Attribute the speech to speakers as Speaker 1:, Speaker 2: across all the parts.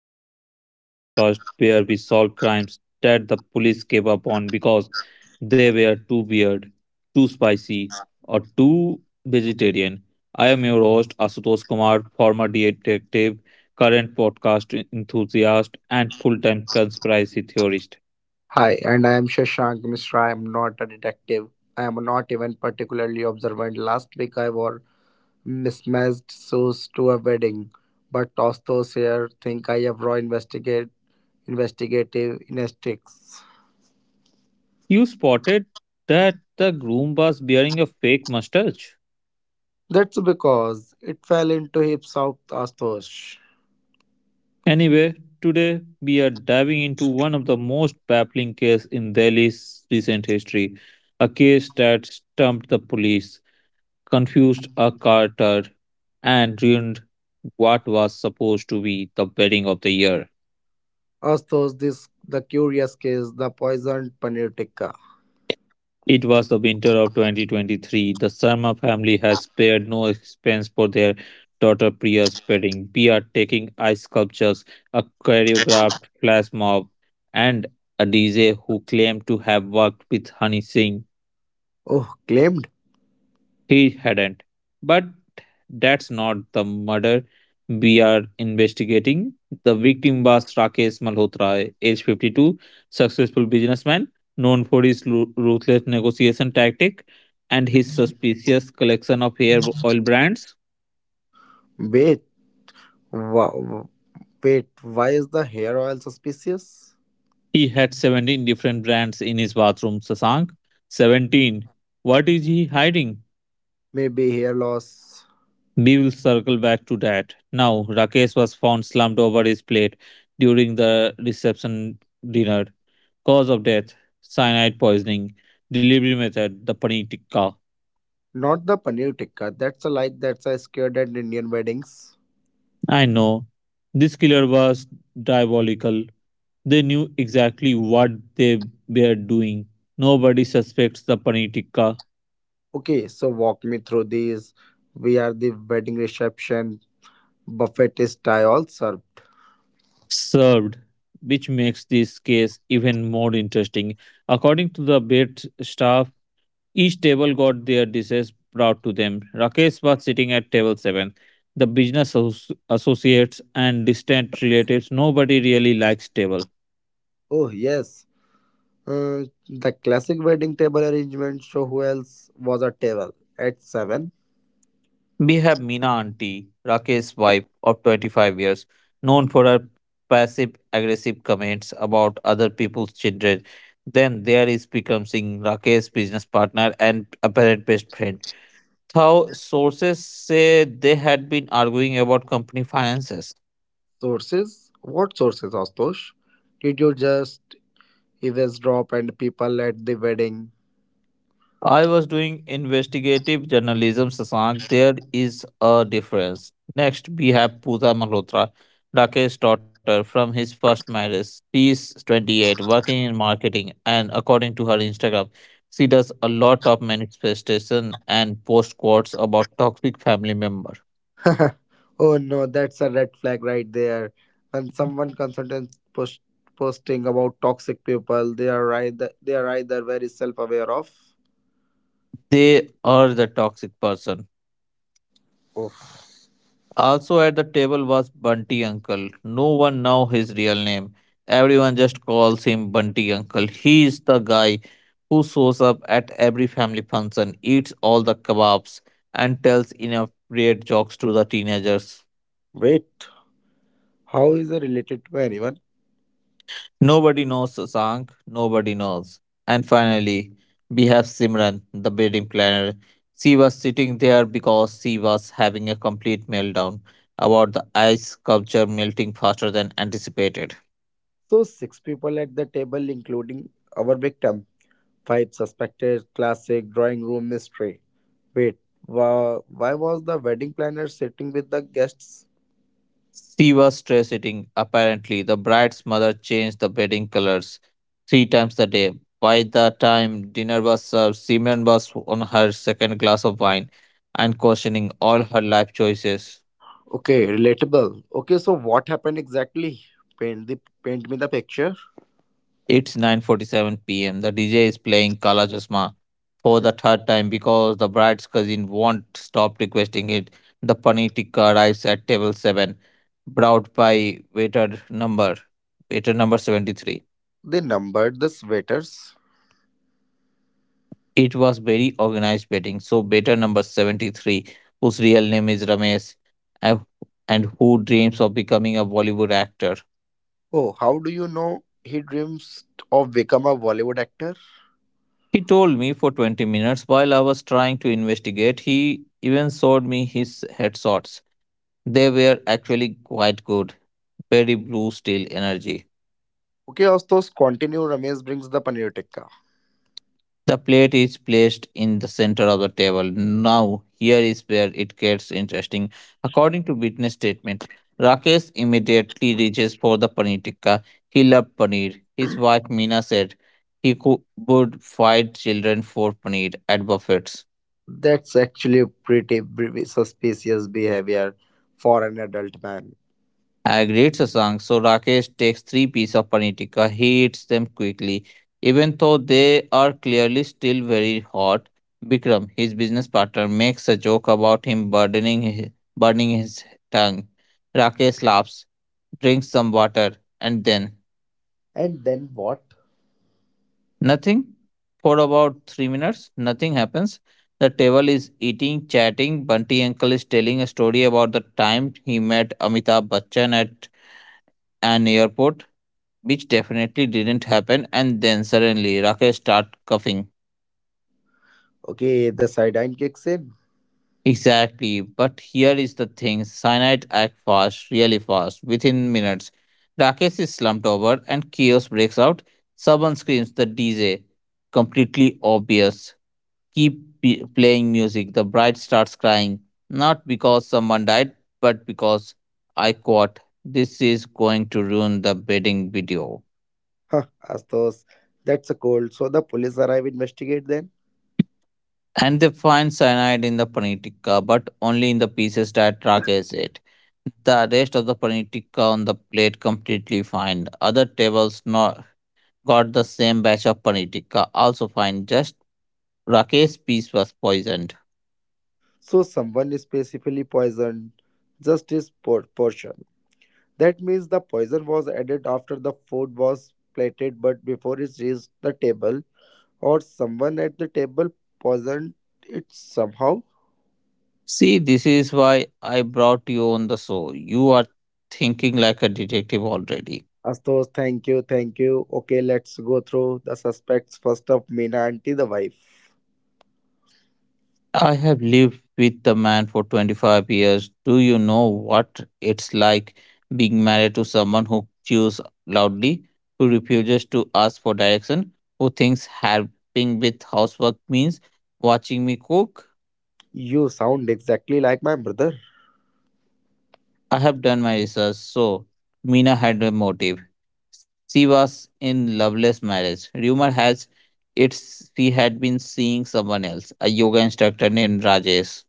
Speaker 1: Mashala, the only podcast where we solve crimes that the police gave up on because they were too weird, too spicy, or too vegetarian. I am your host, Asutosh Kumar, former detective, current podcast enthusiast, and full time conspiracy theorist.
Speaker 2: Hi, and I am Shashank Mishra. I am not a detective. I am not even particularly observant. Last week I wore mismatched shoes to a wedding, but tossed those here. Think I have raw investigate investigative instincts.
Speaker 1: You spotted that the groom was wearing a fake mustache?
Speaker 2: That's because it fell into heaps of Astos.
Speaker 1: Anyway, today we are diving into one of the most baffling cases in Delhi's recent history, a case that stumped the police, confused a carter, and ruined what was supposed to be the wedding of the year.
Speaker 2: Astos, this the curious case, the poisoned panutica.
Speaker 1: It was the winter of 2023. The Sharma family has spared no expense for their daughter Priya's wedding. We are taking ice sculptures, a choreographed flash mob, and a D J who claimed to have worked with Honey Singh.
Speaker 2: Oh, claimed.
Speaker 1: He hadn't. But that's not the murder we are investigating. The victim was Rakesh Malhotra, age 52, successful businessman known for his ruthless negotiation tactic and his suspicious collection of hair oil brands.
Speaker 2: Wait, wow. Wait, why is the hair oil suspicious?
Speaker 1: He had 17 different brands in his bathroom, Sasank. 17. What is he hiding?
Speaker 2: Maybe hair loss.
Speaker 1: We will circle back to that. Now, Rakesh was found slumped over his plate during the reception dinner. Cause of death, cyanide poisoning. Delivery method, the paneer tikka.
Speaker 2: Not the paneer tikka. That's a scared at Indian weddings.
Speaker 1: I know. This killer was diabolical. They knew exactly what they were doing. Nobody suspects the paneer tikka
Speaker 2: Okay, so walk me through these. We are the wedding reception. Buffet is Thai all served.
Speaker 1: served, which makes this case even more interesting. According to the bed staff, each table got their dishes brought to them. Rakesh was sitting at table 7. The business associates and distant relatives, nobody really likes table.
Speaker 2: Oh yes, the classic wedding table arrangement. So who else was at table at seven?
Speaker 1: We have Meena auntie, Rakesh's wife of 25 years, known for her passive aggressive comments about other people's children. Then there is Bikram Singh, Rakesh's business partner and apparent best friend. Though sources say they had been arguing about company finances.
Speaker 2: Sources? What sources, Astosh? Did you just eavesdrop and people at the wedding?
Speaker 1: I was doing investigative journalism, Sasank. There is a difference. Next, we have Pooja Malhotra, Rakesh's daughter from his first marriage. She is 28, working in marketing, and according to her Instagram, she does a lot of manifestation and post quotes about toxic family member.
Speaker 2: Oh no, that's a red flag right there. And someone consultant posting about toxic people, they are either very self aware of.
Speaker 1: They are the toxic person.
Speaker 2: Oh
Speaker 1: Also at the table was Bunty Uncle. No one know his real name. Everyone just calls him Bunty Uncle. He is the guy who shows up at every family function, eats all the kebabs, and tells inappropriate jokes to the teenagers.
Speaker 2: wait, how is it related to anyone?
Speaker 1: Nobody knows Sank, nobody knows. And finally, we have Simran, the wedding planner. She was sitting there because she was having a complete meltdown about the ice sculpture melting faster than anticipated.
Speaker 2: So six people at the table, including our victim, five suspected. Classic drawing room mystery. Wait, why was the wedding planner sitting with the guests?
Speaker 1: She was stress eating. Apparently, the bride's mother changed the bedding colors three times a day. By the time dinner was served, Simran was on her second glass of wine and questioning all her life choices.
Speaker 2: Okay, relatable. Okay, so what happened exactly? Paint the Paint me the picture.
Speaker 1: It's 9:47 p.m. The DJ is playing Kala Chashma for the third time because the bride's cousin won't stop requesting it. The paneer tikka arrives at table seven, brought by waiter number waiter number 73.
Speaker 2: They numbered the sweaters.
Speaker 1: It was very organized betting. So better number 73, whose real name is Ramesh and and who dreams of becoming a Bollywood actor.
Speaker 2: Oh, how do you know he dreams of become a Bollywood actor?
Speaker 1: He told me for 20 minutes while I was trying to investigate. He even showed me his headshots. They were actually quite good, very blue steel energy.
Speaker 2: Okay, Astos, continue. Ramesh brings the paneer tikka.
Speaker 1: The plate is placed in the center of the table. Now, here is where it gets interesting. According to witness statement, Rakesh immediately reaches for the paneer tikka. He loved paneer. His wife Meena said he would fight children for paneer at buffets.
Speaker 2: That's actually a pretty suspicious behavior for an adult man.
Speaker 1: Agreed, Sasank. So Rakesh takes three pieces of Panitika. He eats them quickly, even though they are clearly still very hot. Bikram, his business partner, makes a joke about him burning his tongue. Rakesh laughs, drinks some water, and then
Speaker 2: And then what?
Speaker 1: nothing. For about 3 minutes, nothing happens. The table is eating, chatting. Bunty uncle is telling a story about the time he met Amitabh Bachchan at an airport, which definitely didn't happen. And then suddenly Rakesh start coughing.
Speaker 2: Okay, the sideline kicks in.
Speaker 1: Exactly. But here is the thing, cyanide act fast, really fast, within minutes. Rakesh is slumped over and chaos breaks out. Someone screams, the DJ. Completely obvious. Keep playing music. The bride starts crying. Not because someone died, but because I caught. This is going to ruin the wedding video.
Speaker 2: Huh, Astos, that's a cold. So the police arrive, investigate then.
Speaker 1: And they find cyanide in the panitika, but only in the pieces that track acid. The rest of the panitika on the plate completely fine. Other tables not got the same batch of panitika, also fine. Just Rakesh piece was poisoned.
Speaker 2: So someone is specifically poisoned, just his portion. That means the poison was added after the food was plated, but before it reached the table, or someone at the table poisoned it somehow.
Speaker 1: See, this is why I brought you on the show. You are thinking like a detective already.
Speaker 2: Astos, thank you. Okay, let's go through the suspects. First up, Meena aunty, the wife.
Speaker 1: I have lived with the man for 25 years. Do you know what it's like being married to someone who chews loudly, who refuses to ask for direction, who thinks helping with housework means watching me cook?
Speaker 2: You sound exactly like my brother.
Speaker 1: I have done my research, so Mina had a motive. She was in loveless marriage. Rumor has it she had been seeing someone else, a yoga instructor named Rajesh.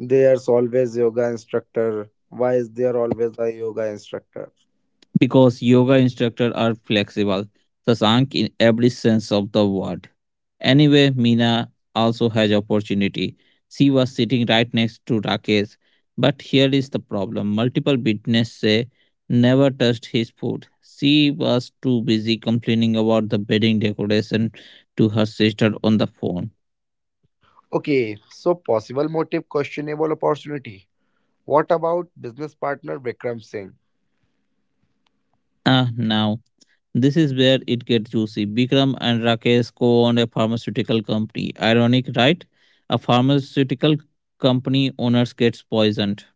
Speaker 2: There's always yoga instructor. Why is there always a yoga instructor?
Speaker 1: Because yoga instructors are flexible, Sasank, in every sense of the word. Anyway, Meena also has opportunity. She was sitting right next to Rakesh, but here is the problem. Multiple witnesses say never touched his food. She was too busy complaining about the wedding decoration to her sister on the phone.
Speaker 2: Okay, so possible motive, questionable opportunity. What about business partner Vikram Singh?
Speaker 1: Ah, now this is where it gets juicy. Bikram and Rakesh co owned a pharmaceutical company. Ironic, right? A pharmaceutical company owners gets poisoned.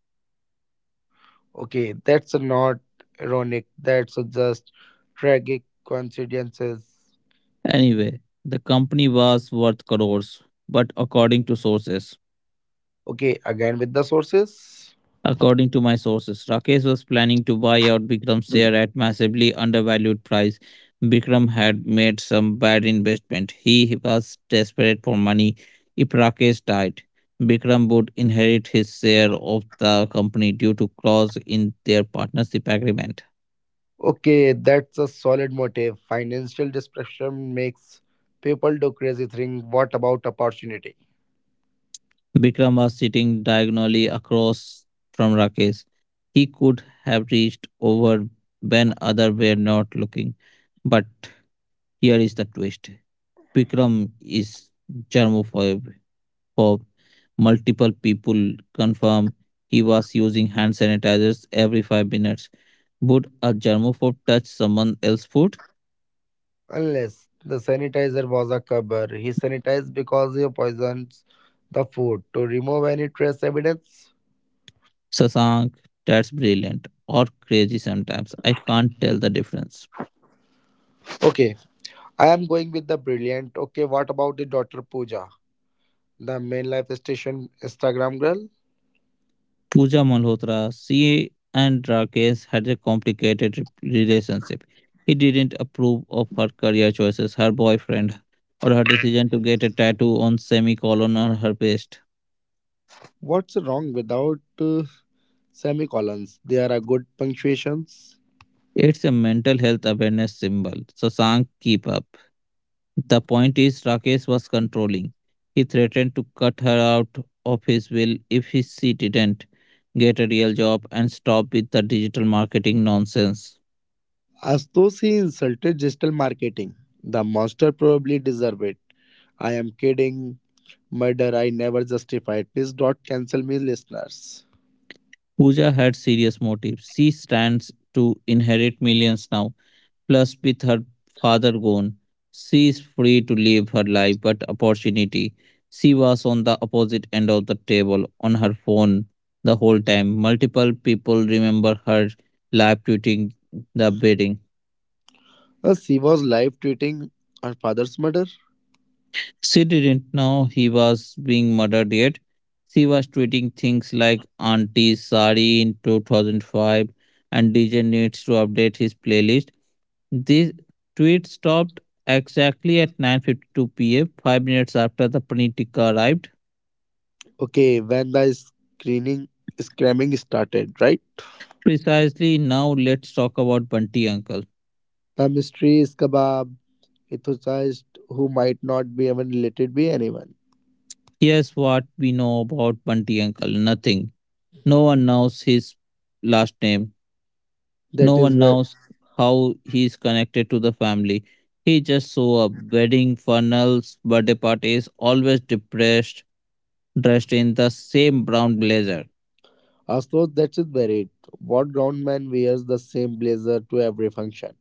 Speaker 2: Okay, that's not ironic. That's just tragic coincidences.
Speaker 1: Anyway, the company was worth crores, but according to sources,
Speaker 2: Okay, again with the sources.
Speaker 1: according to my sources, Rakesh was planning to buy out Bikram's share at massively undervalued price. Bikram had made some bad investment. He was desperate for money. If Rakesh died, Bikram would inherit his share of the company due to clause in their partnership agreement.
Speaker 2: Okay, that's a solid motive. Financial depression makes people do crazy things. What about opportunity?
Speaker 1: Bikram was sitting diagonally across from Rakesh. He could have reached over when others were not looking. But here is the twist. Bikram is germaphobe. Phobe. Multiple people confirm he was using hand sanitizers every 5 minutes. Would a germaphobe touch someone else's food?
Speaker 2: Unless the sanitizer was a cover. He sanitized because he poisons the food to remove any trace evidence.
Speaker 1: Sasank, that's brilliant or crazy, sometimes I can't tell the difference.
Speaker 2: Okay, I am going with the brilliant. Okay, what about the daughter Pooja, the main life station Instagram girl?
Speaker 1: Pooja Malhotra, she and Rakesh had a complicated relationship. He didn't approve of her career choices, her boyfriend, or her decision to get a tattoo on semicolon on her breast.
Speaker 2: What's wrong without semicolons? There are good punctuations.
Speaker 1: It's a mental health awareness symbol. Sasank, keep up. The point is, Rakesh was controlling. He threatened to cut her out of his will if she didn't get a real job and stop with the digital marketing nonsense.
Speaker 2: Astosi insulted digital marketing. The monster probably deserved it. I am kidding. Murder I never justified. Please don't cancel me, listeners.
Speaker 1: Pooja had serious motives. She stands to inherit millions now. Plus, with her father gone, she is free to live her life, but opportunity. She was on the opposite end of the table on her phone the whole time. Multiple people remember her live tweeting the beating.
Speaker 2: She was live tweeting her father's murder.
Speaker 1: She didn't know he was being murdered yet. She was tweeting things like Auntie Sari in 2005 and DJ needs to update his playlist. This tweet stopped exactly at 9:52 p.m., 5 minutes after the Panitika arrived.
Speaker 2: Okay, when the screening screaming started, right?
Speaker 1: Precisely now, let's talk about Bunty Uncle.
Speaker 2: The mystery is kebab, ethicized who might not be even related by anyone.
Speaker 1: Here's what we know about Bunty Uncle, nothing. No one knows his last name,
Speaker 2: That
Speaker 1: no
Speaker 2: is
Speaker 1: one
Speaker 2: where
Speaker 1: knows how he is connected to the family. He just saw up wedding funnels, birthday parties, always depressed, dressed in the same brown blazer.
Speaker 2: so that is where it. What ground man wears the same blazer to every function.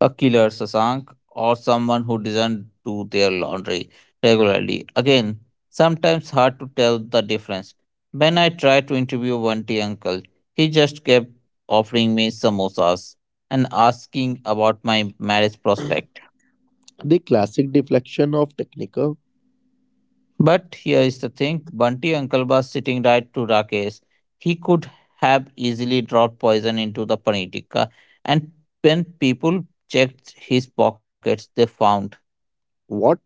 Speaker 1: A killer, Sasank, or someone who doesn't do their laundry regularly. Again, sometimes hard to tell the difference. When I tried to interview one tea uncle, he just kept offering me samosas and asking about my marriage prospect.
Speaker 2: The classic deflection of technical.
Speaker 1: But here is the thing, Bunty uncle was sitting right to Rakesh. He could have easily dropped poison into the panitika, and when people checked his pockets, they found
Speaker 2: What?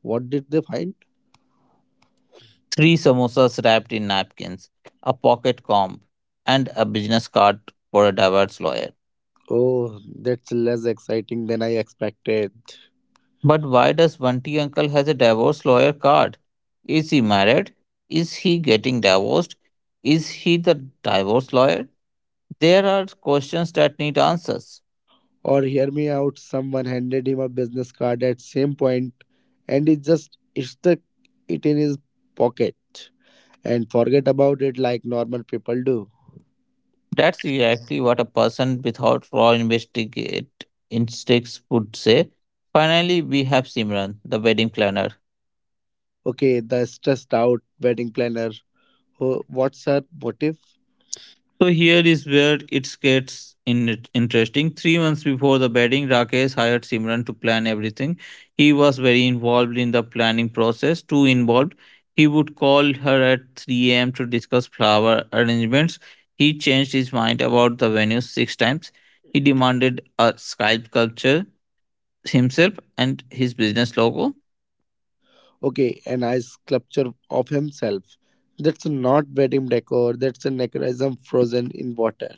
Speaker 2: What did they find?
Speaker 1: three samosas wrapped in napkins, a pocket comb, and a business card for a divorce lawyer.
Speaker 2: Oh, that's less exciting than I expected.
Speaker 1: But why does Vanti uncle has a divorce lawyer card? Is he married? Is he getting divorced? Is he the divorce lawyer? There are questions that need answers.
Speaker 2: Or hear me out, someone handed him a business card at same point and he just stuck it in his pocket and forget about it like normal people do.
Speaker 1: That's exactly what a person without raw investigate instincts would say. Finally, we have Simran, the wedding planner.
Speaker 2: Okay, the stressed out wedding planner. What's her motive?
Speaker 1: So here is where it gets interesting. 3 months before the wedding, Rakesh hired Simran to plan everything. He was very involved in the planning process, too involved. He would call her at 3 a.m. to discuss flower arrangements. He changed his mind about the venue 6 times. He demanded a skype sculpture himself and his business logo.
Speaker 2: Okay, an ice sculpture of himself. That's not wedding decor, that's a necroism frozen in water.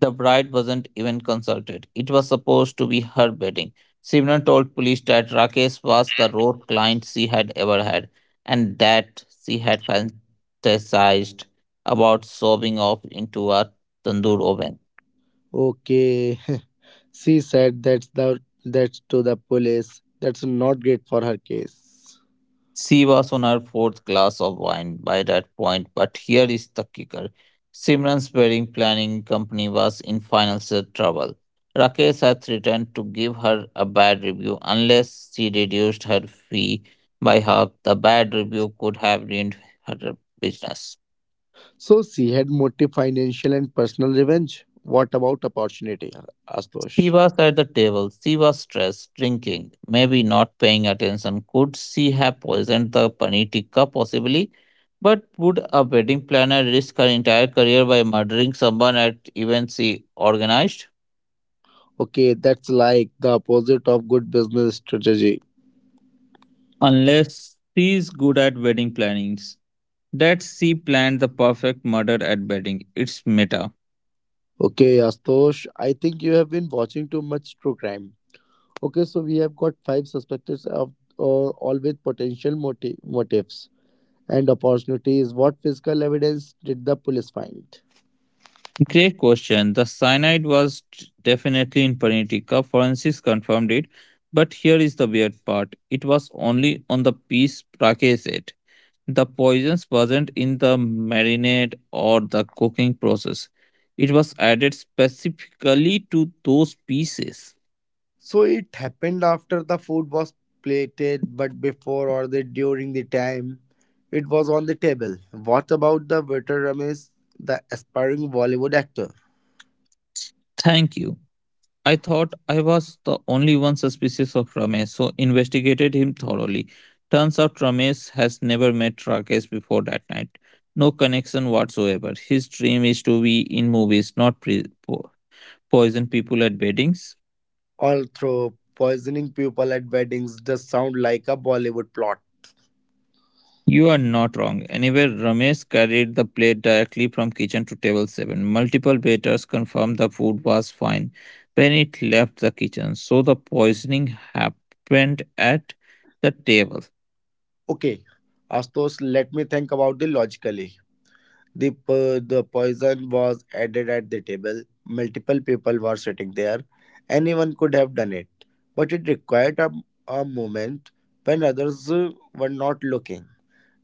Speaker 1: The bride wasn't even consulted. It was supposed to be her wedding. Simran told police that Rakesh was the rare client she had ever had, and that she had fantasized about sobbing off into a tandoor oven.
Speaker 2: Okay, she said that's to the police. That's not great for her case.
Speaker 1: She was on her fourth glass of wine by that point, but here is the kicker. Simran's wedding planning company was in financial trouble. Rakesh had threatened to give her a bad review unless she reduced her fee by half. The bad review could have ruined her business.
Speaker 2: So she had motive financial and personal revenge. What about opportunity,
Speaker 1: She
Speaker 2: Astosh?
Speaker 1: was at the table. She was stressed, drinking, maybe not paying attention. Could she have poisoned the paneer tikka? Possibly. But would a wedding planner risk her entire career by murdering someone at events she organized?
Speaker 2: Okay, that's like the opposite of good business strategy.
Speaker 1: Unless she is good at wedding plannings. That she planned the perfect murder at wedding. It's meta.
Speaker 2: Okay, Astosh, I think you have been watching too much true crime. Okay, so we have got five suspects of all with potential motives and opportunities. What physical evidence did the police find?
Speaker 1: Great question. The cyanide was definitely in Panitika. Forensics confirmed it. But here is the weird part, it was only on the piece brachet. The poisons wasn't in the marinade or the cooking process. It was added specifically to those pieces.
Speaker 2: So it happened after the food was plated, but before or the during the time it was on the table. What about the waiter Ramesh, the aspiring Bollywood actor?
Speaker 1: Thank you. I thought I was the only one suspicious of Ramesh, so investigated him thoroughly. Turns out Ramesh has never met Rakesh before that night. No connection whatsoever. His dream is to be in movies, not poison people at weddings.
Speaker 2: Although poisoning people at weddings does sound like a Bollywood plot.
Speaker 1: You are not wrong. Anyway, Ramesh carried the plate directly from kitchen to table 7. Multiple waiters confirmed the food was fine when it left the kitchen, so the poisoning happened at the table.
Speaker 2: Okay, Astos, let me think about it logically. The poison was added at the table. Multiple people were sitting there. Anyone could have done it. But it required a moment when others were not looking.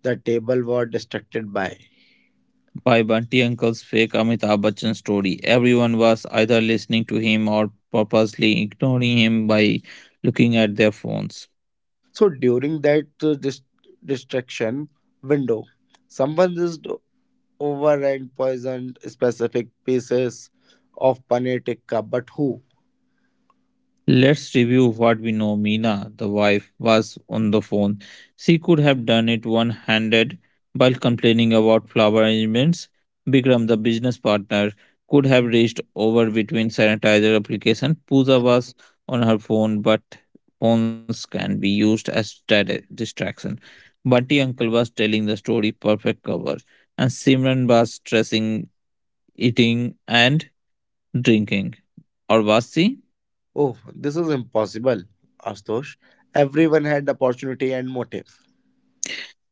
Speaker 2: The table was distracted by.
Speaker 1: By Bunty Uncle's fake Amitabh Bachchan story, everyone was either listening to him or purposely ignoring him by looking at their phones.
Speaker 2: So during that distraction window, someone just over and poisoned specific pieces of paneer tikka. But who?
Speaker 1: Let's review what we know. Mina, the wife, was on the phone. She could have done it one handed while complaining about flower arrangements. Bikram, the business partner, could have reached over between sanitizer application. Pooja was on her phone, but phones can be used as distraction. Bunty uncle was telling the story perfect cover, and Simran was stressing eating and drinking. Or was she?
Speaker 2: Oh, this is impossible, Astosh. Everyone had opportunity and motive.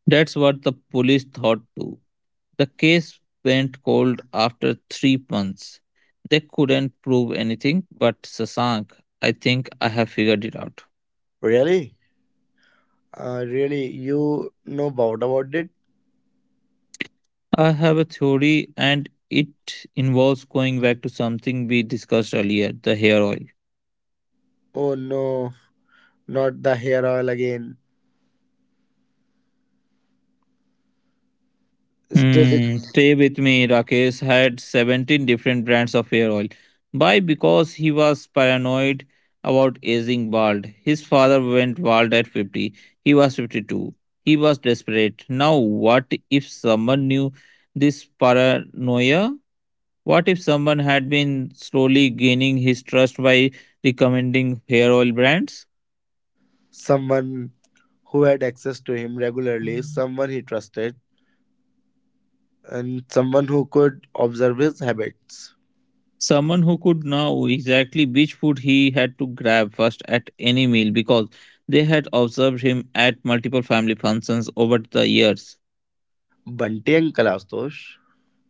Speaker 1: That's what the police thought too. The case went cold after 3 months. They couldn't prove anything, but Sasank, I think I have figured it out.
Speaker 2: Really? You know about it?
Speaker 1: I have a theory, and it involves going back to something we discussed earlier, the hair oil.
Speaker 2: Oh no, not the hair oil again. Still,
Speaker 1: Hmm,
Speaker 2: it's
Speaker 1: stay with me. Rakesh had 17 different brands of hair oil. Why? Because he was paranoid about aging bald. His father went bald at 50. He was 52. He was desperate. Now, what if someone knew this paranoia? What if someone had been slowly gaining his trust by recommending hair oil brands?
Speaker 2: someone who had access to him regularly, someone he trusted, and someone who could observe his habits.
Speaker 1: Someone who could know exactly which food he had to grab first at any meal because they had observed him at multiple family functions over the years.
Speaker 2: Bunty Uncle Astosh.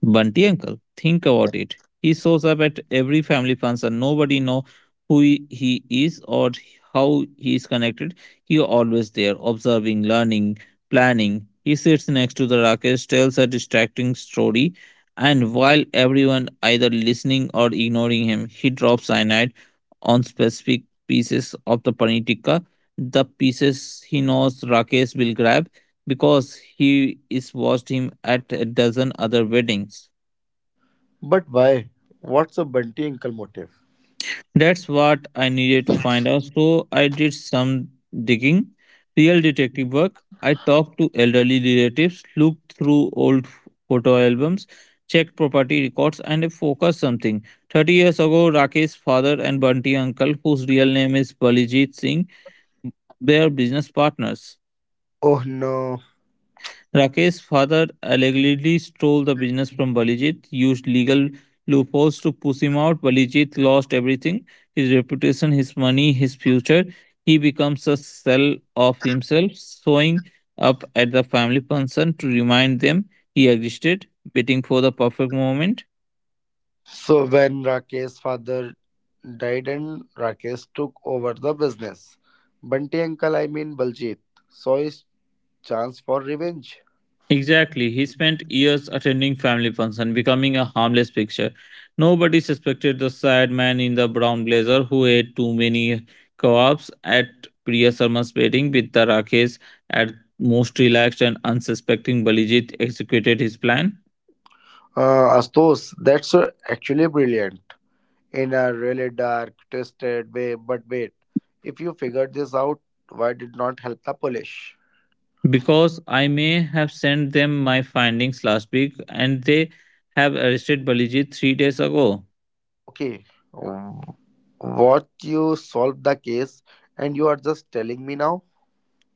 Speaker 1: Bunty uncle, think
Speaker 2: Yeah.
Speaker 1: about it. He shows up at every family function. Nobody know who he is or how he is connected. He always there, observing, learning, planning. He sits next to the Rakesh, tells a distracting story, and while everyone either listening or ignoring him, he drops cyanide on specific pieces of the paneer tikka. The pieces he knows Rakesh will grab, because he is watched him at a dozen other weddings.
Speaker 2: But why? What's a Bunty Uncle motive?
Speaker 1: That's what I needed to find out, so I did some digging, real detective work. I talked to elderly relatives, looked through old photo albums, checked property records, and focused something. 30 years ago, Rakesh's father and Bunty uncle, whose real name is Balijit Singh, were business partners.
Speaker 2: Oh no.
Speaker 1: Rakesh's father allegedly stole the business from Balijit, used legal loopholes to push him out. Balijit lost everything, his reputation, his money, his future. He becomes a shell of himself, showing up at the family function to remind them he existed, waiting for the perfect moment.
Speaker 2: So when Rakesh's father died and Rakesh took over the business, Bunty Uncle, I mean Baljeet, saw his chance for revenge.
Speaker 1: Exactly. He spent years attending family functions, becoming a harmless picture. Nobody suspected the sad man in the brown blazer who ate too many co at Priya Sharma's wedding with the Rakesh at most relaxed and unsuspecting Balijit executed his plan.
Speaker 2: Astos, that's actually brilliant in a really dark, twisted way. But wait, if you figured this out, why did not help the Polish?
Speaker 1: Because I may have sent them my findings last week and they have arrested Balijit 3 days ago.
Speaker 2: Okay, w- what you solved the case and you are just telling me now?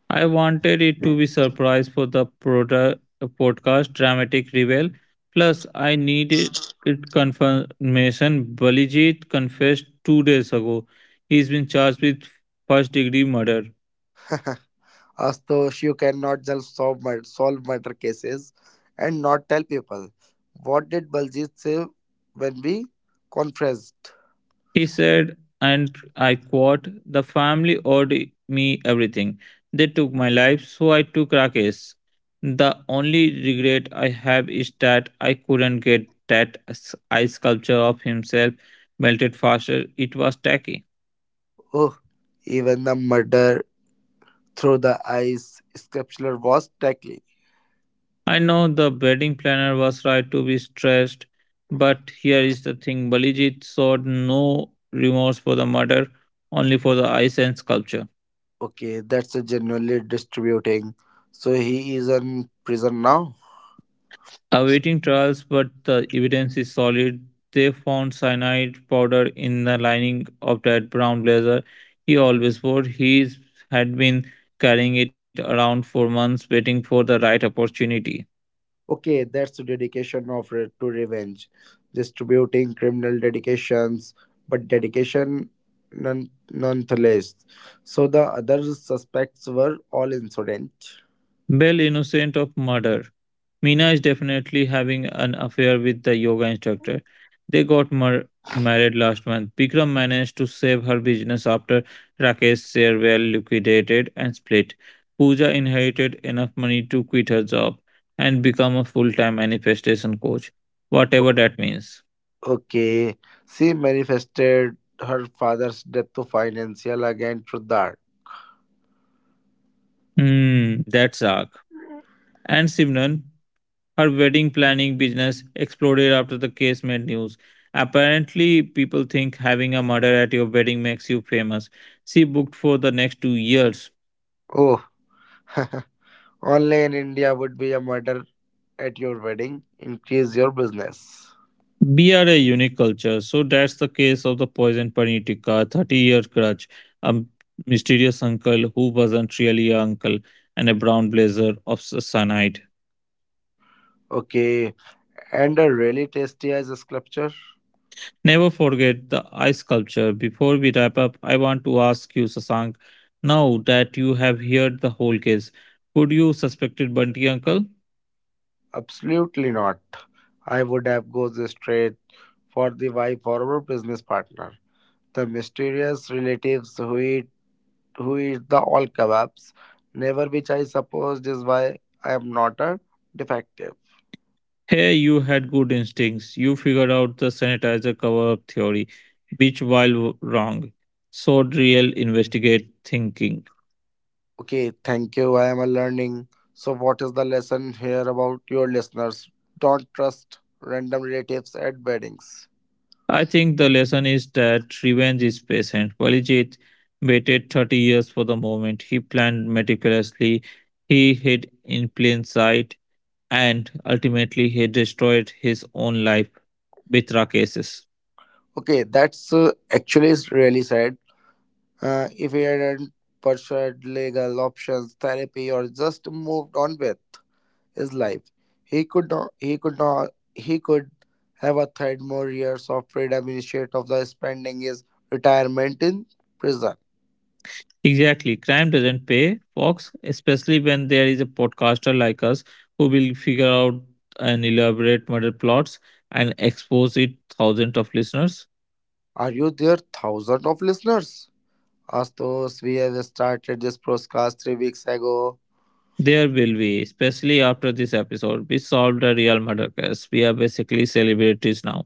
Speaker 1: I wanted it to be surprise for the podcast Dramatic Reveal. Plus, I needed it confirmation. Balijit confessed 2 days ago. He's been charged with first degree murder.
Speaker 2: Astos, you cannot just solve murder cases and not tell people. What did Baljeet say when we confessed?
Speaker 1: He said, and I quote, "The family owed me everything. They took my life, so I took Rakesh. The only regret I have is that I couldn't get that ice sculpture of himself melted faster. It was tacky."
Speaker 2: Oh, even the murder through the ice. Scripture was tackling.
Speaker 1: I know the wedding planner was right to be stressed, but here is the thing, Balijit showed no remorse for the murder, only for the ice and sculpture.
Speaker 2: Okay, that's a genuinely distributing. So he is in prison now.
Speaker 1: Awaiting trials, but the evidence is solid. They found cyanide powder in the lining of that brown blazer he always wore. He had been carrying it around for months, waiting for the right opportunity.
Speaker 2: Okay, that's the dedication of to revenge. Distributing criminal dedications, but dedication none, nonetheless. So the other suspects were all insolent.
Speaker 1: Bell innocent of murder. Mina is definitely having an affair with the yoga instructor. They got married last month. Bikram managed to save her business after Rakesh's share were liquidated and split. Pooja inherited enough money to quit her job and become a full time manifestation coach, whatever that means.
Speaker 2: Okay, she manifested her father's death to financial again through that.
Speaker 1: Hmm, that's arc. And Simran, her wedding planning business exploded after the case made news. Apparently, people think having a murder at your wedding makes you famous. She booked for the next 2 years.
Speaker 2: Oh, only in India would be a murder at your wedding increase your business.
Speaker 1: We are a unique culture, so that's the case of the poisoned Panitika, 30 year crutch, a mysterious uncle who wasn't really an uncle, and a brown blazer of cyanide.
Speaker 2: Okay, and a really tasty ice sculpture?
Speaker 1: Never forget the ice sculpture. Before we wrap up, I want to ask you, Sasank, now that you have heard the whole case, could you suspected Bunty uncle?
Speaker 2: Absolutely not. I would have gone straight for the wife or our business partner. The mysterious relatives who eat the all kebabs, never which I suppose is why I am not a defective.
Speaker 1: Hey, you had good instincts. You figured out the sanitizer cover theory, which while wrong, showed real investigate thinking.
Speaker 2: Okay, thank you. I am a learning. So what is the lesson here about your listeners? Don't trust random relatives at weddings.
Speaker 1: I think the lesson is that revenge is patient. Valijit waited 30 years for the moment. He planned meticulously. He hid in plain sight and ultimately he destroyed his own life with Rakesh's.
Speaker 2: Okay, that's actually is really sad. If he hadn't pursued legal options, therapy, or just moved on with his life, he could not. He could not. He could have a third more years of freedom instead of the spending his retirement in prison.
Speaker 1: Exactly, crime doesn't pay, Fox, especially when there is a podcaster like us who will figure out and elaborate murder plots and expose it thousands of listeners.
Speaker 2: Are you there, thousands of listeners? As those we have started this podcast 3 weeks ago.
Speaker 1: There will be, especially after this episode, we solved a real murder case. We are basically celebrities now.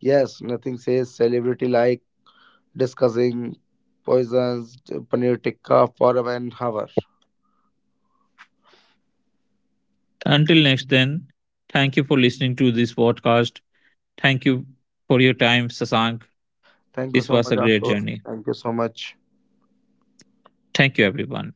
Speaker 2: Yes, nothing says celebrity like discussing poisons, paneer tikka for an hour.
Speaker 1: Until next then, thank you for listening to this podcast. Thank you for your time, Sasank.
Speaker 2: Thank you
Speaker 1: This
Speaker 2: so
Speaker 1: was
Speaker 2: much,
Speaker 1: a great
Speaker 2: Ashutosh.
Speaker 1: journey.
Speaker 2: Thank you so much.
Speaker 1: Thank you, everyone.